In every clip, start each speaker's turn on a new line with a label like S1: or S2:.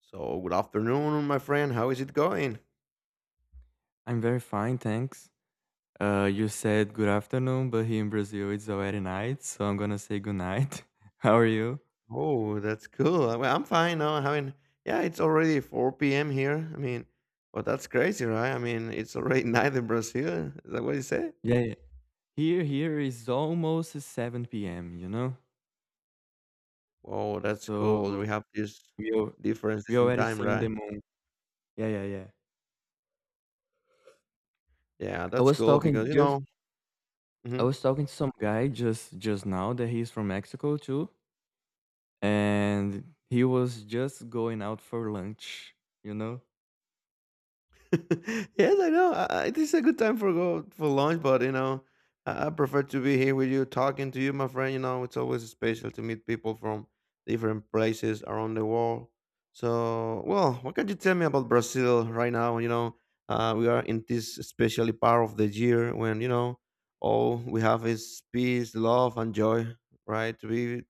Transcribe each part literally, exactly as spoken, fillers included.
S1: So, good afternoon, my friend. How is it going?
S2: I'm very fine, thanks. Uh, you said good afternoon, but here in Brazil it's already night, so I'm gonna say good night. How are you?
S1: Oh, that's cool. Uh, Well, I'm fine now. I mean, yeah, it's already four p m here. I mean, but that's crazy, right? I mean, it's already night in Brazil. Is that what you say?
S2: Yeah, yeah. Here, here is almost seven p m. You know,
S1: Oh, that's cool. We
S2: so
S1: have this
S2: we al- we
S1: differences in
S2: already
S1: time,
S2: seeing
S1: right?
S2: the moon. Yeah, yeah, yeah.
S1: Yeah,
S2: I
S1: that's
S2: was
S1: cool
S2: talking
S1: because, you
S2: just
S1: know,
S2: I
S1: mhm.
S2: was talking to some guy just just now that he's from Mexico too, and he was just going out for lunch. You know.
S1: Yes, I know. I, I- this is a good time for go for lunch, but you know, I, I prefer to be here with you, talking to you, my friend. You know, it's always special to meet people from different places around the world. So, well, what can you tell me about Brazil right now? You know, uh, we are in this especially part of the year when you know all we have is peace, love, and joy. Right? To be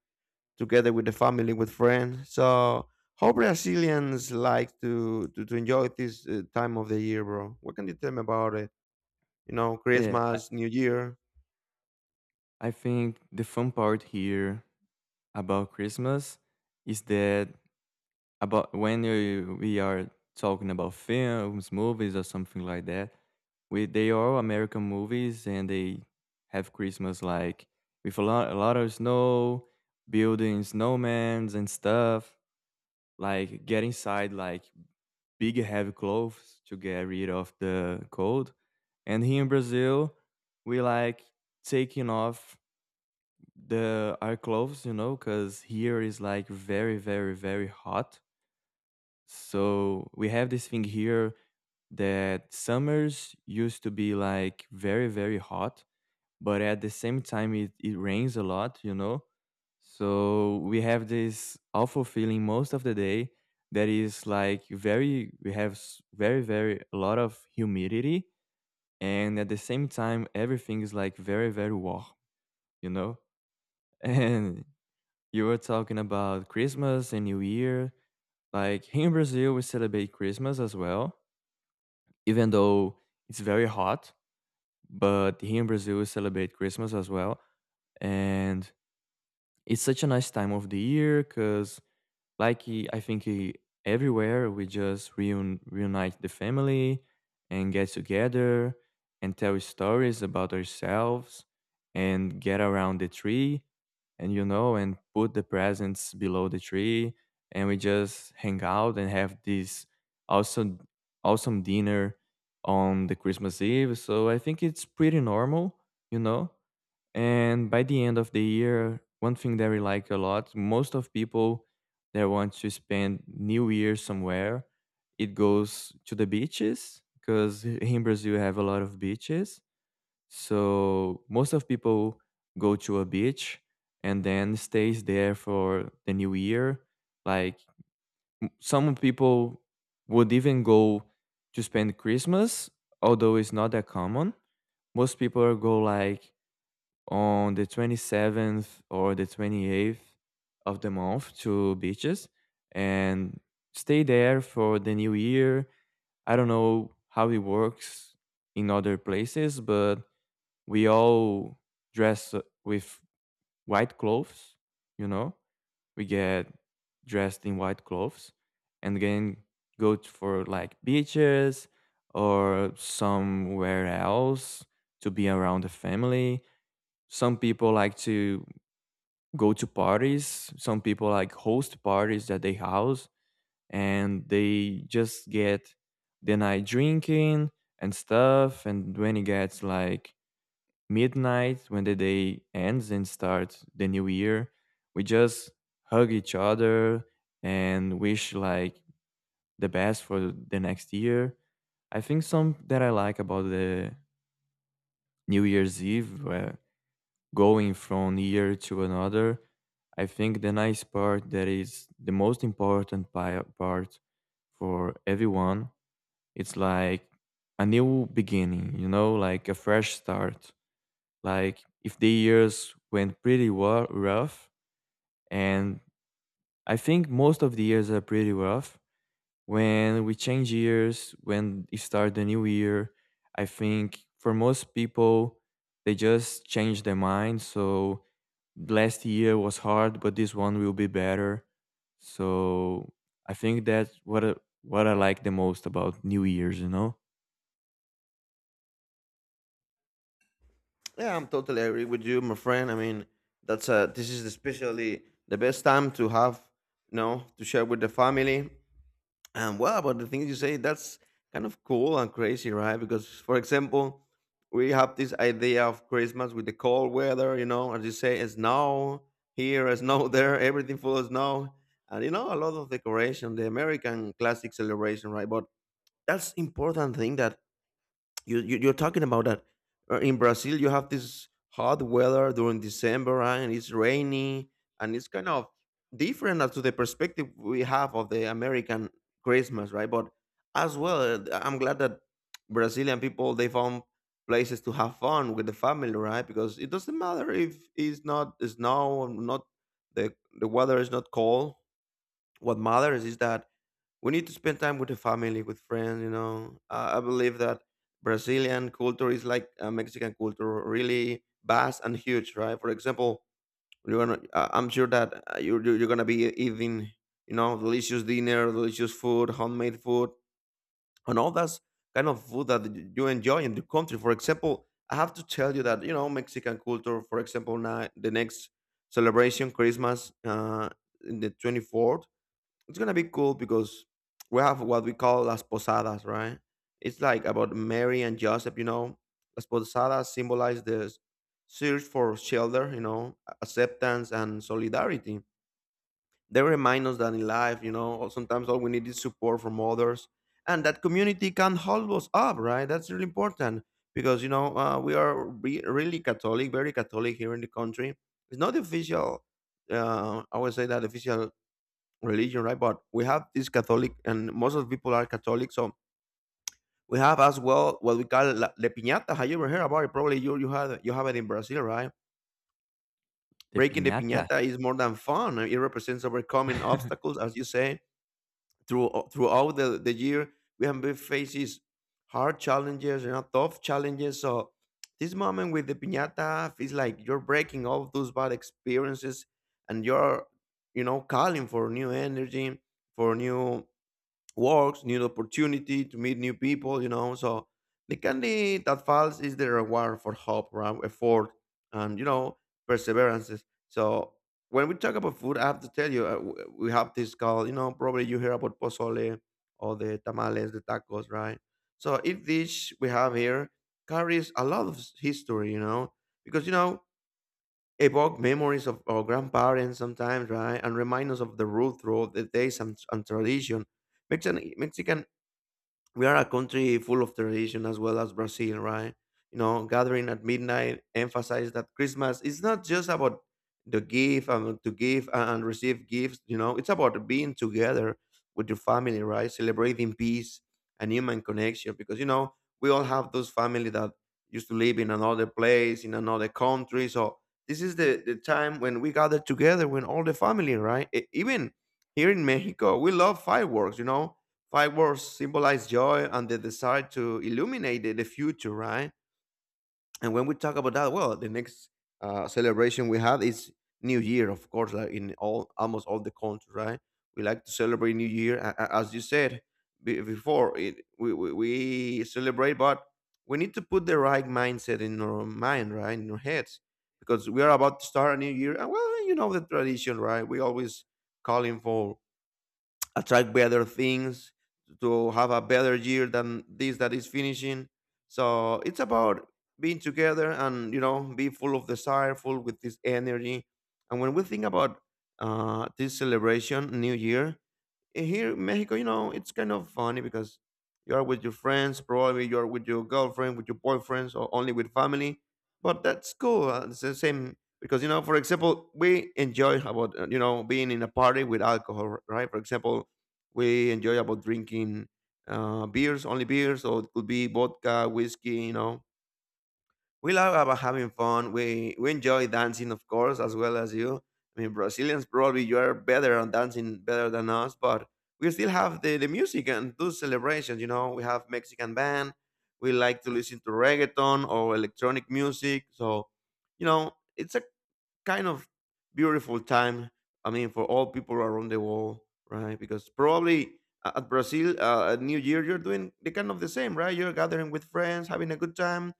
S1: together with the family, with friends. So how Brazilians like to to, to enjoy this uh, time of the year, bro? What can you tell me about it? You know,
S2: Yeah, I,
S1: Christmas, New Year.
S2: I think the fun part here about Christmas is that about when you, we are talking about films, movies, or something like that. We they are all American movies, and they have Christmas like with a lot a lot of snow, building snowmans and stuff. Like get inside like big heavy clothes to get rid of the cold. And here in Brazil, we like taking off the our clothes, you know, because here is like very, very, very hot. So we have this thing here that summers used to be like very, very hot, but at the same time it, it rains a lot, you know. So we have this awful feeling most of the day that is like very, we have s- very, very a lot of humidity. And at the same time, everything is like very, very warm, you know? and. You were talking about Christmas and New Year. Like here in Brazil, we celebrate Christmas as well, even though it's very hot. But here in Brazil, we celebrate Christmas as well. And it's such a nice time of the year because like he- I think he, everywhere we just reun- reunite the family and get together and tell stories about ourselves and get around the tree and you know and put the presents below the tree and we just hang out and have this awesome awesome dinner on the Christmas Eve. So I think it's pretty normal, you know. And by the end of the year, one thing that we like a lot, most of people that want to spend New Year somewhere, it goes to the beaches because in Brazil you have a lot of beaches. So most of people go to a beach and then stays there for the New Year. Like some people would even go to spend Christmas, although it's not that common. Most people go like on the twenty-seventh or the twenty-eighth of the month to beaches and stay there for the new year. I don't know how it works in other places, but we all dress uh, with white clothes, you know? We get dressed in white clothes and then go t- for like beaches or somewhere else to be around the family. Some people like to go to parties. Some people like host parties at their house and they just get the night drinking and stuff. And when it gets like midnight, when the day ends and starts the new year, we just hug each other and wish like the best for the next year. I think some that I like about the New Year's Eve where going from year to another. I think the nice part that is the most important pi- part for everyone. It's like a new beginning, you know, like a fresh start. Like if the years went pretty wa- rough, and I think most of the years are pretty rough. When we change years, when we start the new year, I think for most people, they just change their mind. So last year was hard, but this one will be better. So I think that's what I, what I like the most about New Year's, you know?
S1: Yeah, I'm totally agree with you, my friend. I mean, that's uh this is especially the best time to have, you know, to share with the family. And well, about the things you say, that's kind of cool and crazy, right? Because, for example, we have this idea of Christmas with the cold weather, you know, as you say, it's snow here, it's snow there, everything full of snow. And, you know, a lot of decoration, the American classic celebration, right? But that's important thing that you, you you're talking about that. Uh, In Brazil, you have this hot weather during December, right? And it's rainy, and it's kind of different as to the perspective we have of the American Christmas, right? But as well, uh, I'm glad that Brazilian people they found places to have fun with the family, right? Because it doesn't matter if it's not snow, or not the the weather is not cold. What matters is that we need to spend time with the family with friends, you know. uh, I believe that Brazilian culture is like, uh, Mexican culture, really vast and huge, right? For example, you're gonna, uh, I'm sure that, uh, you're, you're you're gonna be eating, you know, delicious dinner, delicious food, homemade food, and all that kind of food that y- you enjoy in the country. For example, I have to tell you that, you know, Mexican culture, for example, now the next celebration, Christmas, uh in the twenty-fourth, it's gonna be cool because we have what we call las posadas, right? It's like about Mary and Joseph, you know. Las posadas symbolize the search for shelter, you know, acceptance and solidarity. They remind us that in life, you know, all- sometimes all we need is support from others, and that community can hold us up, right? That's really important because, you know, uh, we are re- really Catholic, very Catholic here in the country. It's not the official. Uh, I would say that official religion, right? But we have this Catholic, and most of the people are Catholic, so we have as well what we call la, the piñata. Have you ever heard about it? Probably you you have you have it in Brazil, right?
S2: The
S1: Breaking the
S2: piñata.
S1: piñata is more than fun. It represents overcoming obstacles, as you say, through, uh, throughout the, the year. We have been faces hard challenges, you know, tough challenges. So this moment with the piñata feels like you're breaking all of those bad experiences, and you're, you know, calling for new energy, for new works, new opportunity to meet new people, you know. So the candy that falls is the reward for hope, right? Effort, and, you know, perseverances. So when we talk about food, I have to tell you, uh, w- we have this called, you know, probably you hear about pozole or the tamales, the tacos, right? So each dish we have here carries a lot of s- history, you know, because you know evoke memories of our grandparents sometimes, right? And remind us of the root throughout the days and, and tradition. Mexican, Mexican we are a country full of tradition as well as Brazil, right? You know, gathering at midnight emphasize that Christmas is not just about the gift and to give and receive gifts, you know, it's about being together with your family, right? Celebrating peace and human connection because, you know, we all have those family that used to live in another place, in another country. So this is the, the time when we gather together when all the family, right? E- Even here in Mexico, we love fireworks, you know. Fireworks symbolize joy and the desire to illuminate the, the future, right? And when we talk about that, well, the next uh, celebration we have is New Year, of course, like in all almost all the countries, right? We like to celebrate New Year, a- a- as you said be- before. It, we, we we celebrate, but we need to put the right mindset in our mind, right, in our heads, because we are about to start a new year. And well, you know the tradition, right? We always calling for attract better things to have a better year than this that is finishing. So it's about being together, and you know, be full of desire, full with this energy. And when we think about, uh, this celebration, new year, Eh, here in Mexico, you know, it's kind of funny because you are with your friends, probably you are with your girlfriend, with your boyfriends, or only with family. But that's cool. uh, It's the same because, you know, for example, we enjoy about, uh, you know, being in a party with alcohol, right? For example, we enjoy about drinking, uh, beers, only beers, or it could be vodka, whiskey, you know, we love about having fun. We we enjoy dancing, of course, as well as you. I mean, Brazilians probably you are better on dancing better than us, but we still have the, the music and those celebrations. You know, we have Mexican band. We like to listen to reggaeton or electronic music. So, you know, it's a kind of beautiful time. I mean, for all people around the world, right? Because probably a- at Brazil, uh, at New Year, you're doing the kind of the same, right? You're gathering with friends, having a good time,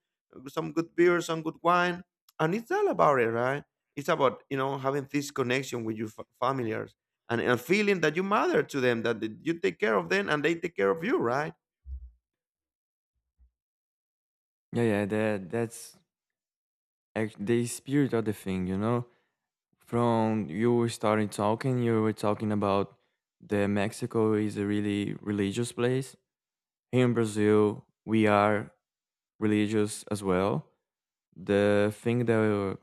S1: some good beer, some good wine, and it's all about it, right? It's about, you know, having this connection with your fa- familiars, and a feeling that you matter to them, that th- you take care of them and they take care of you, right?
S2: Yeah, yeah, that that's ac- the spirit of the thing, you know. From you were starting talking, You were talking about the Mexico is a really religious place. Here in Brazil, we are religious as well. The thing that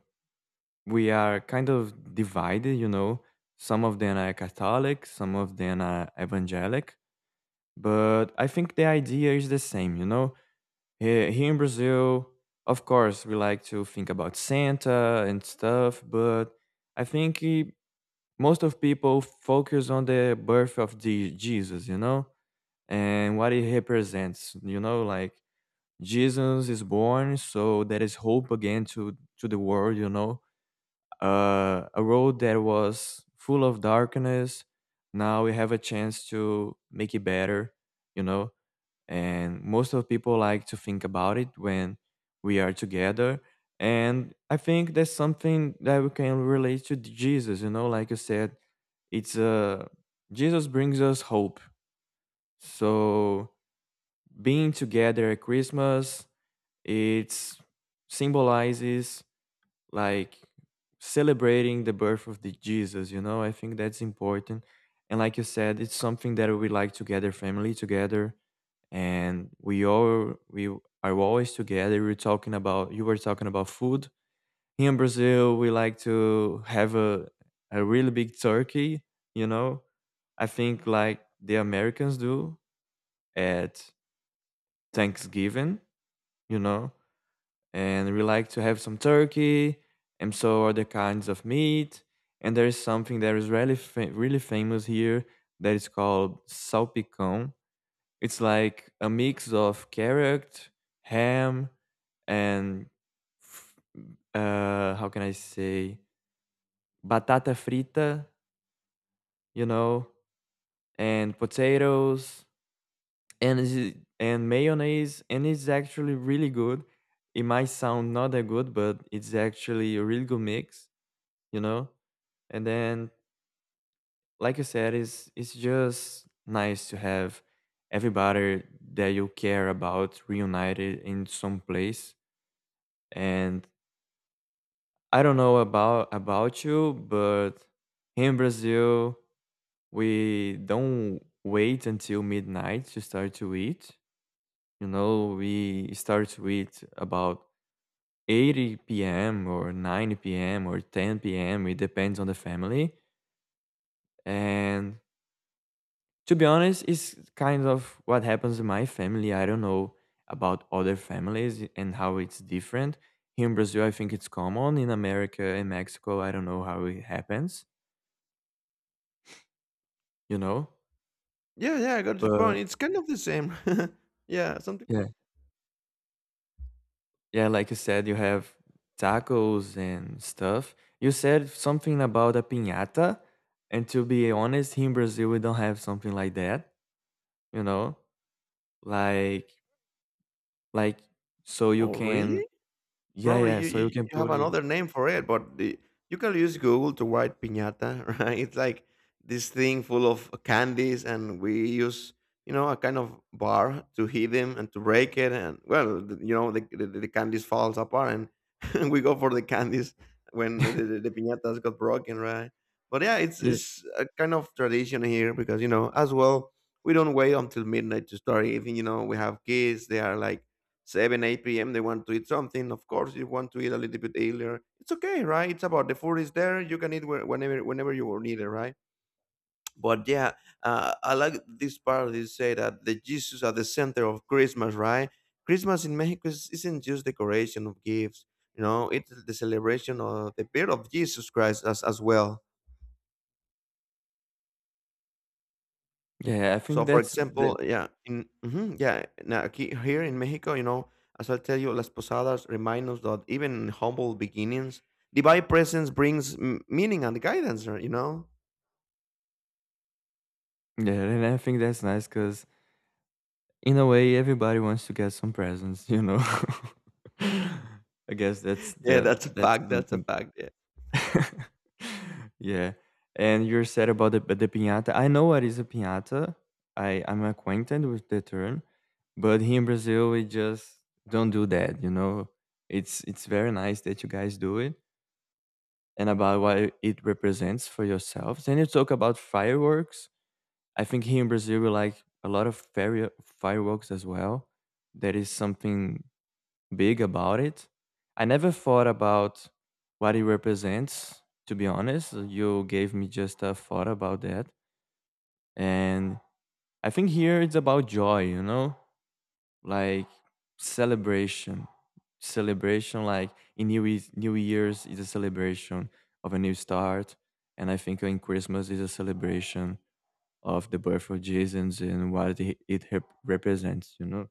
S2: we are kind of divided, you know. Some of them are Catholic, some of them are evangelic, but I think the idea is the same, you know. Here, here in Brazil, of course, we like to think about Santa and stuff, but I think eh, most of people focus on the birth of the Jesus, you know, and what it represents, you know, like Jesus is born, so there is hope again to to the world, you know uh, a road that was full of darkness. Now we have a chance to make it better, you know. And most of people like to think about it when we are together. And I think that's something that we can relate to Jesus, you know. Like you said, it's uh, Jesus brings us hope. So being together at Christmas, it symbolizes like celebrating the birth of the Jesus, you know? I think that's important. And like you said, it's something that we like to gather family together, and we all we are always together. We're talking about You were talking about food. Here in Brazil, we like to have a a really big turkey, you know? I think like the Americans do at Thanksgiving, you know? And we like to have some turkey and so other kinds of meat. And there is something that is really fa- really famous here that is called salpicón. It's like a mix of carrot, ham, and f- uh, how can I say batata frita, you know, and potatoes and is and mayonnaise, and it's actually really good. It might sound not that good, but it's actually a really good mix. you know and then, like you said, it's it's just nice to have everybody that you care about reunited in some place. And I don't know about about you, but in Brazil we don't wait until midnight to start to eat. You know, we start with about eight p m or nine p m or ten p m. It depends on the family. And to be honest, it's kind of what happens in my family. I don't know about other families and how it's different. Here in Brazil, I think it's common. In America and Mexico, I don't know how it happens, you know?
S1: Yeah, yeah, I got your point.
S2: But
S1: It's kind of the same. Yeah, something.
S2: yeah. Yeah, like you said, you have tacos and stuff. You said something about a piñata, and to be honest, here in Brazil we don't have something like that, you know? Like like so you
S1: Oh,
S2: can
S1: really?
S2: yeah,
S1: Probably
S2: yeah,
S1: you,
S2: so
S1: you
S2: you can
S1: you have
S2: put it.
S1: another name for it, but the, you can use Google to write piñata, right? It's like this thing full of candies, and we use, you know, a kind of bar to hit them and to break it, and well, the, you know the, the the candies falls apart, and we go for the candies when the, the, the piñatas got broken, right? But yeah, it's
S2: Yeah,
S1: it's a kind of tradition here because you know as well we don't wait until midnight to start eating. You know we have kids; they are like seven, eight p m. They want to eat something. Of course, you want to eat a little bit earlier. It's okay, right? It's about the food is there. You can eat whe- whenever whenever you need it, right? But yeah, uh, I like this part. You say that the Jesus at the center of Christmas, right? Christmas in Mexico is, isn't just decoration of gifts. You know, it's the celebration of the birth of Jesus Christ as as well.
S2: yeah. I
S1: So,
S2: think
S1: for
S2: that's the
S1: example, yeah, in mhm, yeah, now aquí, here in Mexico, you know, as I tell you, las posadas remind us that even in humble beginnings, divine presence brings m- meaning and guidance, right? You know,
S2: Yeah, and I think that's nice because in a way everybody wants to get some presents, you know. I guess that's
S1: yeah,
S2: that
S1: that's a
S2: that's
S1: fact. That's a
S2: something.
S1: fact. Yeah,
S2: Yeah. And you're sad about the, the pinata. I know what is a pinata. I, I'm acquainted with the term, but here in Brazil we just don't do that, you know. It's it's very nice that you guys do it and about what it represents for yourselves. And you talk about fireworks. I think here in Brazil we like a lot of fire, fireworks as well. That is something big about it. I never thought about what it represents, to be honest. You gave me just a thought about that. And I think here it's about joy, you know? Like celebration. Celebration, like in New, Year's- New Year's is a celebration of a new start. And I think in Christmas is a celebration of the birth of Jesus and what it it rep- represents, you know?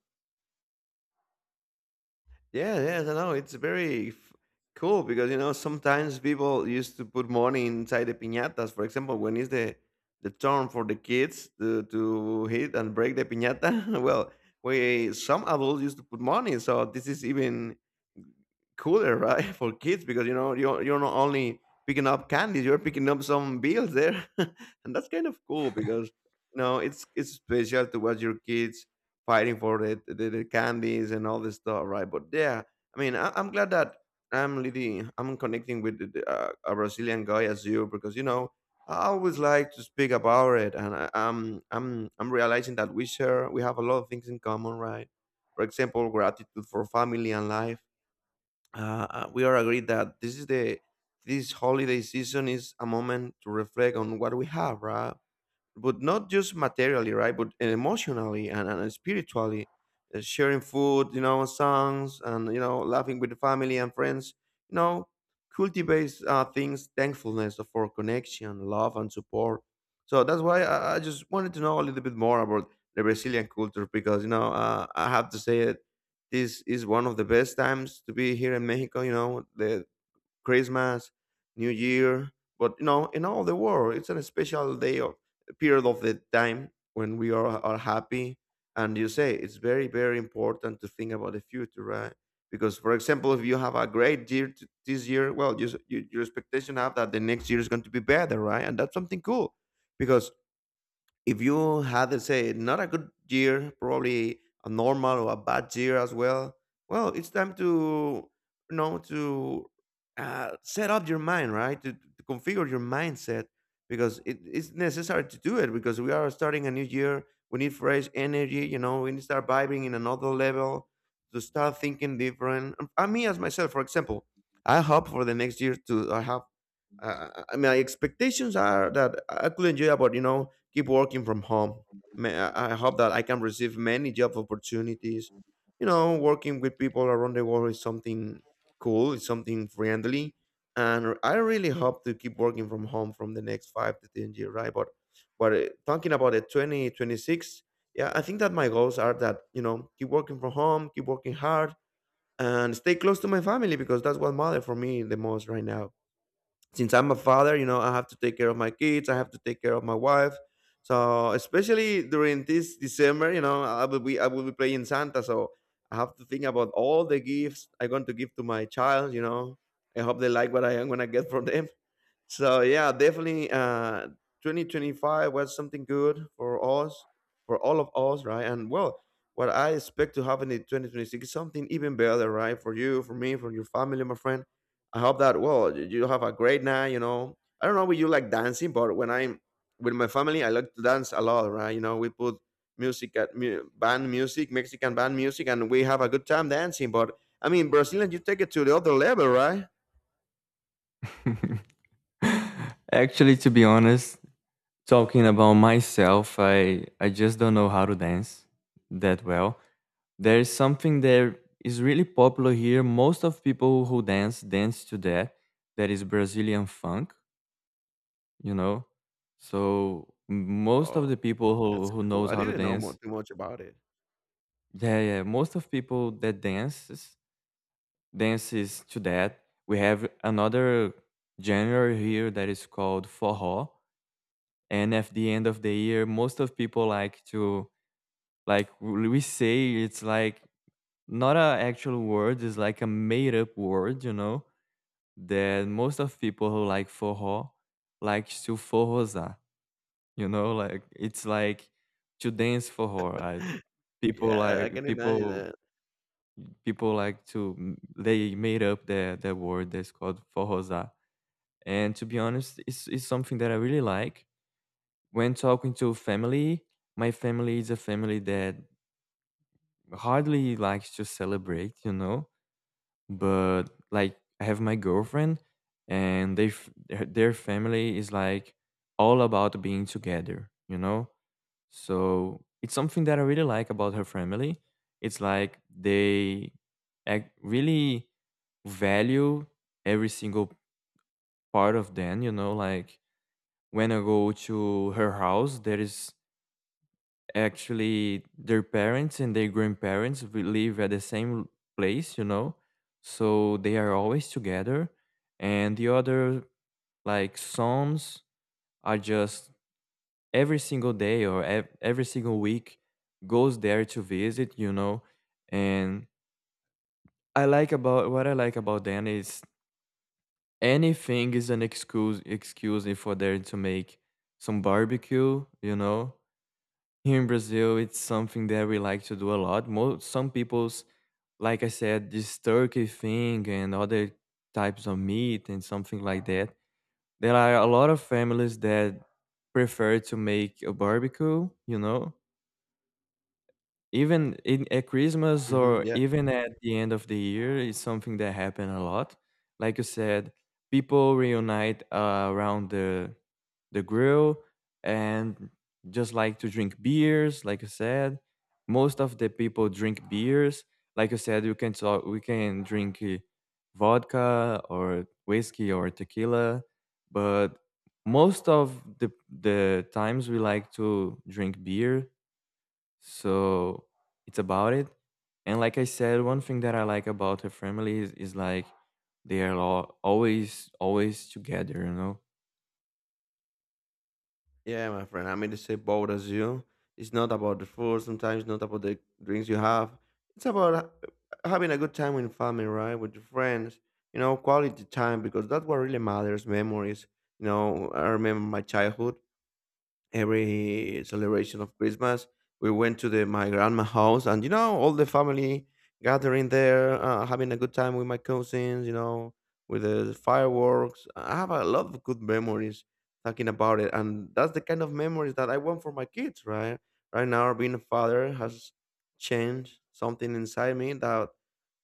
S1: yeah, yes, I know. It's very f- cool because you know sometimes people used to put money inside the piñatas. For example, when is the the turn for the kids to to hit and break the piñata? Well, we some adults used to put money, so this is even cooler, right, for kids because you know you're you're not only picking up candies, you're picking up some bills there, and that's kind of cool because you know it's it's special to watch your kids fighting for the the, the candies and all this stuff, right? But yeah, I mean, I, I'm glad that I'm really I'm connecting with the, the, uh, a Brazilian guy as you because you know. I always like to speak about it, and I, I'm I'm I'm realizing that we share we have a lot of things in common, right? For example, gratitude for family and life. Uh, uh, we are agreed that this is the this holiday season is a moment to reflect on what we have, right? But not just materially, right? But emotionally and, and spiritually, uh, sharing food, you know, songs, and you know, laughing with the family and friends. You know, cultivates uh, things thankfulness for connection, love, and support. So that's why I, I just wanted to know a little bit more about the Brazilian culture because you know uh, I have to say it. This is one of the best times to be here in Mexico. You know, the Christmas, New Year, but you know, in all the world, it's a special day of period of the time when we are, are happy. And you say it's very, very important to think about the future, right? Because, for example, if you have a great year t- this year, well, you, s- you, your expectation have that the next year is going to be better, right? And that's something cool because if you had, let's say, not a good year, probably a normal or a bad year as well, well, it's time to, you know to uh, set up your mind, right, to, to configure your mindset because it, it's necessary to do it because we are starting a new year. We need fresh energy, you know. We need to start vibing in another level, to start thinking different. And I me as myself, for example, I hope for the next year to uh, have uh, uh, my expectations are that I could enjoy about you know keep working from home. May- I I hope that I can receive many job opportunities. You know, working with people around the world is something cool. It's something friendly, and I really hope to keep working from home from the next five to ten years, right? But but uh, talking about the twenty twenty six, yeah, I think that my goals are that you know keep working from home, keep working hard, and stay close to my family because that's what matters for me the most right now, since I'm a father. You know, I have to take care of my kids. I have to take care of my wife. So especially during this December, you know, I will be I will be playing Santa. So I have to think about all the gifts I'm going to give to my child. You know, I hope they like what I am gonna get from them. So yeah, definitely uh twenty twenty-five was something good for us, for all of us, right? And well, what I expect to happen in twenty twenty-six is something even better, right? For you, for me, for your family, my friend. I hope that, well, you you have a great night, you know. I don't know if you like dancing, but when I'm with my family, I like to dance a lot, right? You know, we put music at mu- band music, Mexican band music, and we have a good time dancing. But I mean, Brazilian, you take it to the other level, right?
S2: Actually, to be honest, talking about myself, I I just don't know how to dance that well. There is something that is really popular here. Most of people who dance dance to that. That is Brazilian funk, you know. So most of
S1: Wow.
S2: the people who
S1: That's
S2: who
S1: cool.
S2: knows
S1: I
S2: how to
S1: didn't know more
S2: dance,
S1: too much about it.
S2: yeah, yeah. Most of people that dances dances to that. We have another genre here that is called forró, and at the end of the year, most of people like to. Like w- we say, it's like not a actual word. It's like a made up word, you know. That most of people who like forró like to forrosar, you know. Like it's like to dance forró. I, people
S1: Yeah, I I
S2: like
S1: can imagine
S2: people
S1: that.
S2: people like to m- they made up the the word that's called forrosar. And to be honest, it's it's something that I really like. When talking to family, my family is a family that hardly likes to celebrate, you know. But like I have my girlfriend, and they f- their their family is like all about being together, you know. So it's something that I really like about her family. It's like they ac- really value every single part of them, you know. Like when I go to her house, there is actually their parents and their grandparents will live at the same place you know so they are always together, and the other like sons are just every single day or ev- every single week goes there to visit you know and I like about what I like about them is anything is an excuse excuse for them to make some barbecue you know Here in Brazil, it's something that we like to do a lot. Most some people's, like I said, this turkey thing and other types of meat and something like that. There are a lot of families that prefer to make a barbecue, you know, even in at Christmas
S1: Mhm,
S2: or
S1: yeah.
S2: even at the end of the year is something that happen a lot. Like you said, people reunite uh, around the the grill and just like to drink beers. Like you said, most of the people drink beers. Like you said, you can talk, we can drink uh, vodka or whiskey or tequila, but most of the the times we like to drink beer, so it's about it. And like I said, one thing that I like about her family is, is like they are all, always always together, you know.
S1: Yeah, my friend, I'm in the same boat as you. It's not about the food sometimes, not about the drinks you have. It's about ha- uh, having a good time with family, right? With your friends, you know, quality time because that's what really matters, memories. You know, I remember my childhood. Every celebration of Christmas, we went to the my grandma house, and you know, all the family gathering there, uh, having a good time with my cousins. You know, with the fireworks. I have a lot of good memories talking about it, and that's the kind of memories that I want for my kids. Right, right now, being a father has changed something inside me that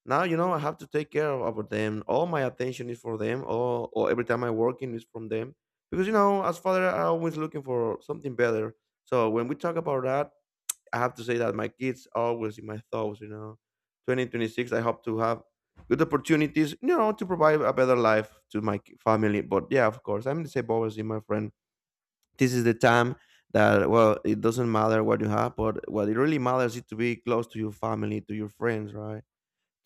S1: now you know I have to take care of, of them. All my attention is for them. All, all every time I working is from them because you know as father I'm always looking for something better. So when we talk about that, I have to say that my kids are always in my thoughts, you know. twenty twenty-six I hope to have good opportunities, you know, to provide a better life to my ki- family. But yeah, of course, I'm disabled obviously, my friend. This is the time that, well, it doesn't matter what you have, but what it really matters is to be close to your family, to your friends, right,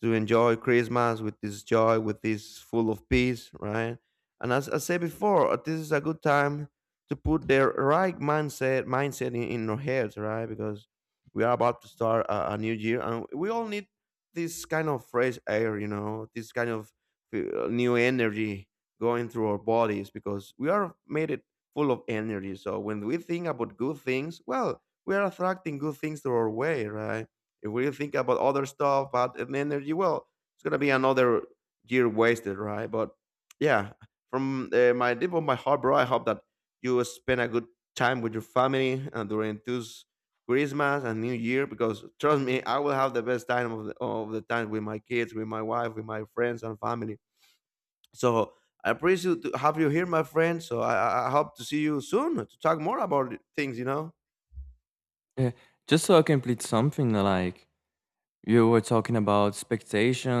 S1: to enjoy Christmas with this joy, with this full of peace, right? And as I said before, uh, this is a good time to put their right mindset mindset in, in our heads, right? Because we are about to start a, a new year, and we all need this kind of fresh air, you know, this kind of uh, new energy going through our bodies because we are made it full of energy. So when we think about good things, well, we are attracting good things to our way, right? If we think about other stuff, but and energy, well, it's gonna be another year wasted, right? But yeah, from uh, my deep of my heart, bro, I hope that you spend a good time with your family uh, during this Christmas and New Year, because trust me, I will have the best time of the, of the time with my kids, with my wife, with my friends and family. So I appreciate to have you here, my friend. So, I, I I hope to see you soon to talk more about things. You know.
S2: Yeah. Just so I complete something, like you were talking about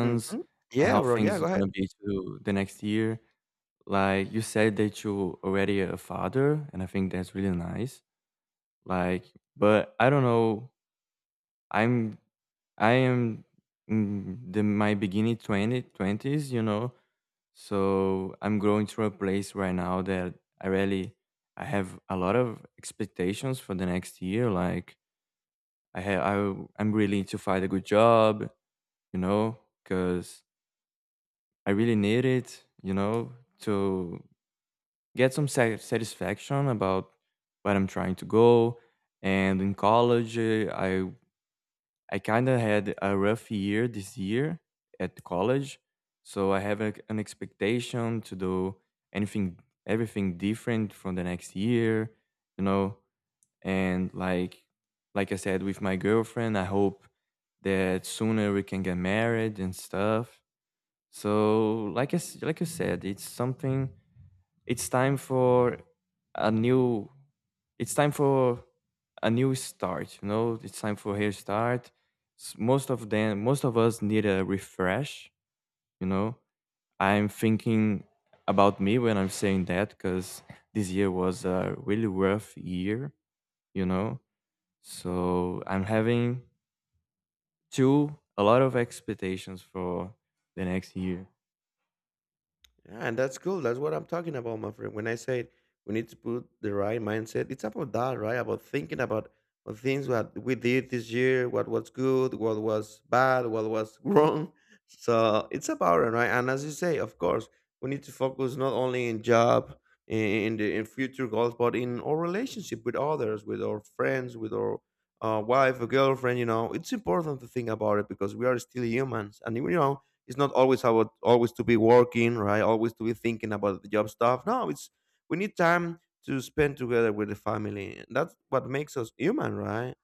S1: Hmm.
S2: and
S1: Yeah,
S2: how
S1: bro. Yeah,
S2: things are
S1: go ahead.
S2: gonna be to the next year. Like you said that you already a father, and I think that's really nice. Like, but I don't know. I'm I am in the my beginning twenty twenties. you know So I'm going through a place right now that I really I have a lot of expectations for the next year. Like I have I w- I'm really to find a good job, you know, because I really need it, you know, to get some sa- satisfaction about where I'm trying to go. And in college, uh, I I kind of had a rough year this year at college, so I have a, an expectation to do anything, everything different from the next year, you know. And like, like I said, with my girlfriend, I hope that sooner we can get married and stuff. So, like I s- like you said, it's something it's time for a new. It's time for a new start. You know, it's time for hair start. S- Most of them, most of us need a refresh. You know, I'm thinking about me when I'm saying that because this year was a really rough year. You know, so I'm having two a lot of expectations for the next year.
S1: Yeah, and that's cool. That's what I'm talking about, my friend. When I said we need to put the right mindset, it's about that, right? About thinking about the things that we did this year, what was good, what was bad, what was wrong. So it's about it, right? And as you say, of course, we need to focus not only in job, in in the in future goals, but in our relationship with others, with our friends, with our uh, wife or girlfriend. You know, it's important to think about it because we are still humans, and you know it's not always about always to be working, right? Always to be thinking about the job stuff. No, it's, we need time to spend together with the family. That's what makes us human, right?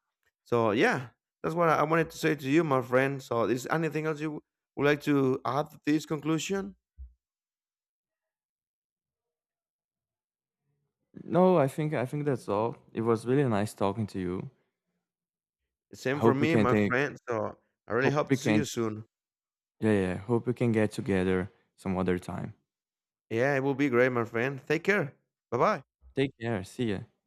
S1: So yeah, that's what I I wanted to say to you, my friend. So is anything else you would like to add to this conclusion?
S2: No, I think I think that's all. It was really nice talking to you. I
S1: Same for
S2: hope you
S1: me,
S2: can
S1: my
S2: take.
S1: friend. So I really
S2: Hope
S1: hope
S2: we
S1: to see you
S2: can
S1: soon.
S2: Yeah, yeah. Yeah. Hope we can get together some other time.
S1: Yeah, it will be great, my friend. Take care. Bye bye.
S2: Take care. See ya.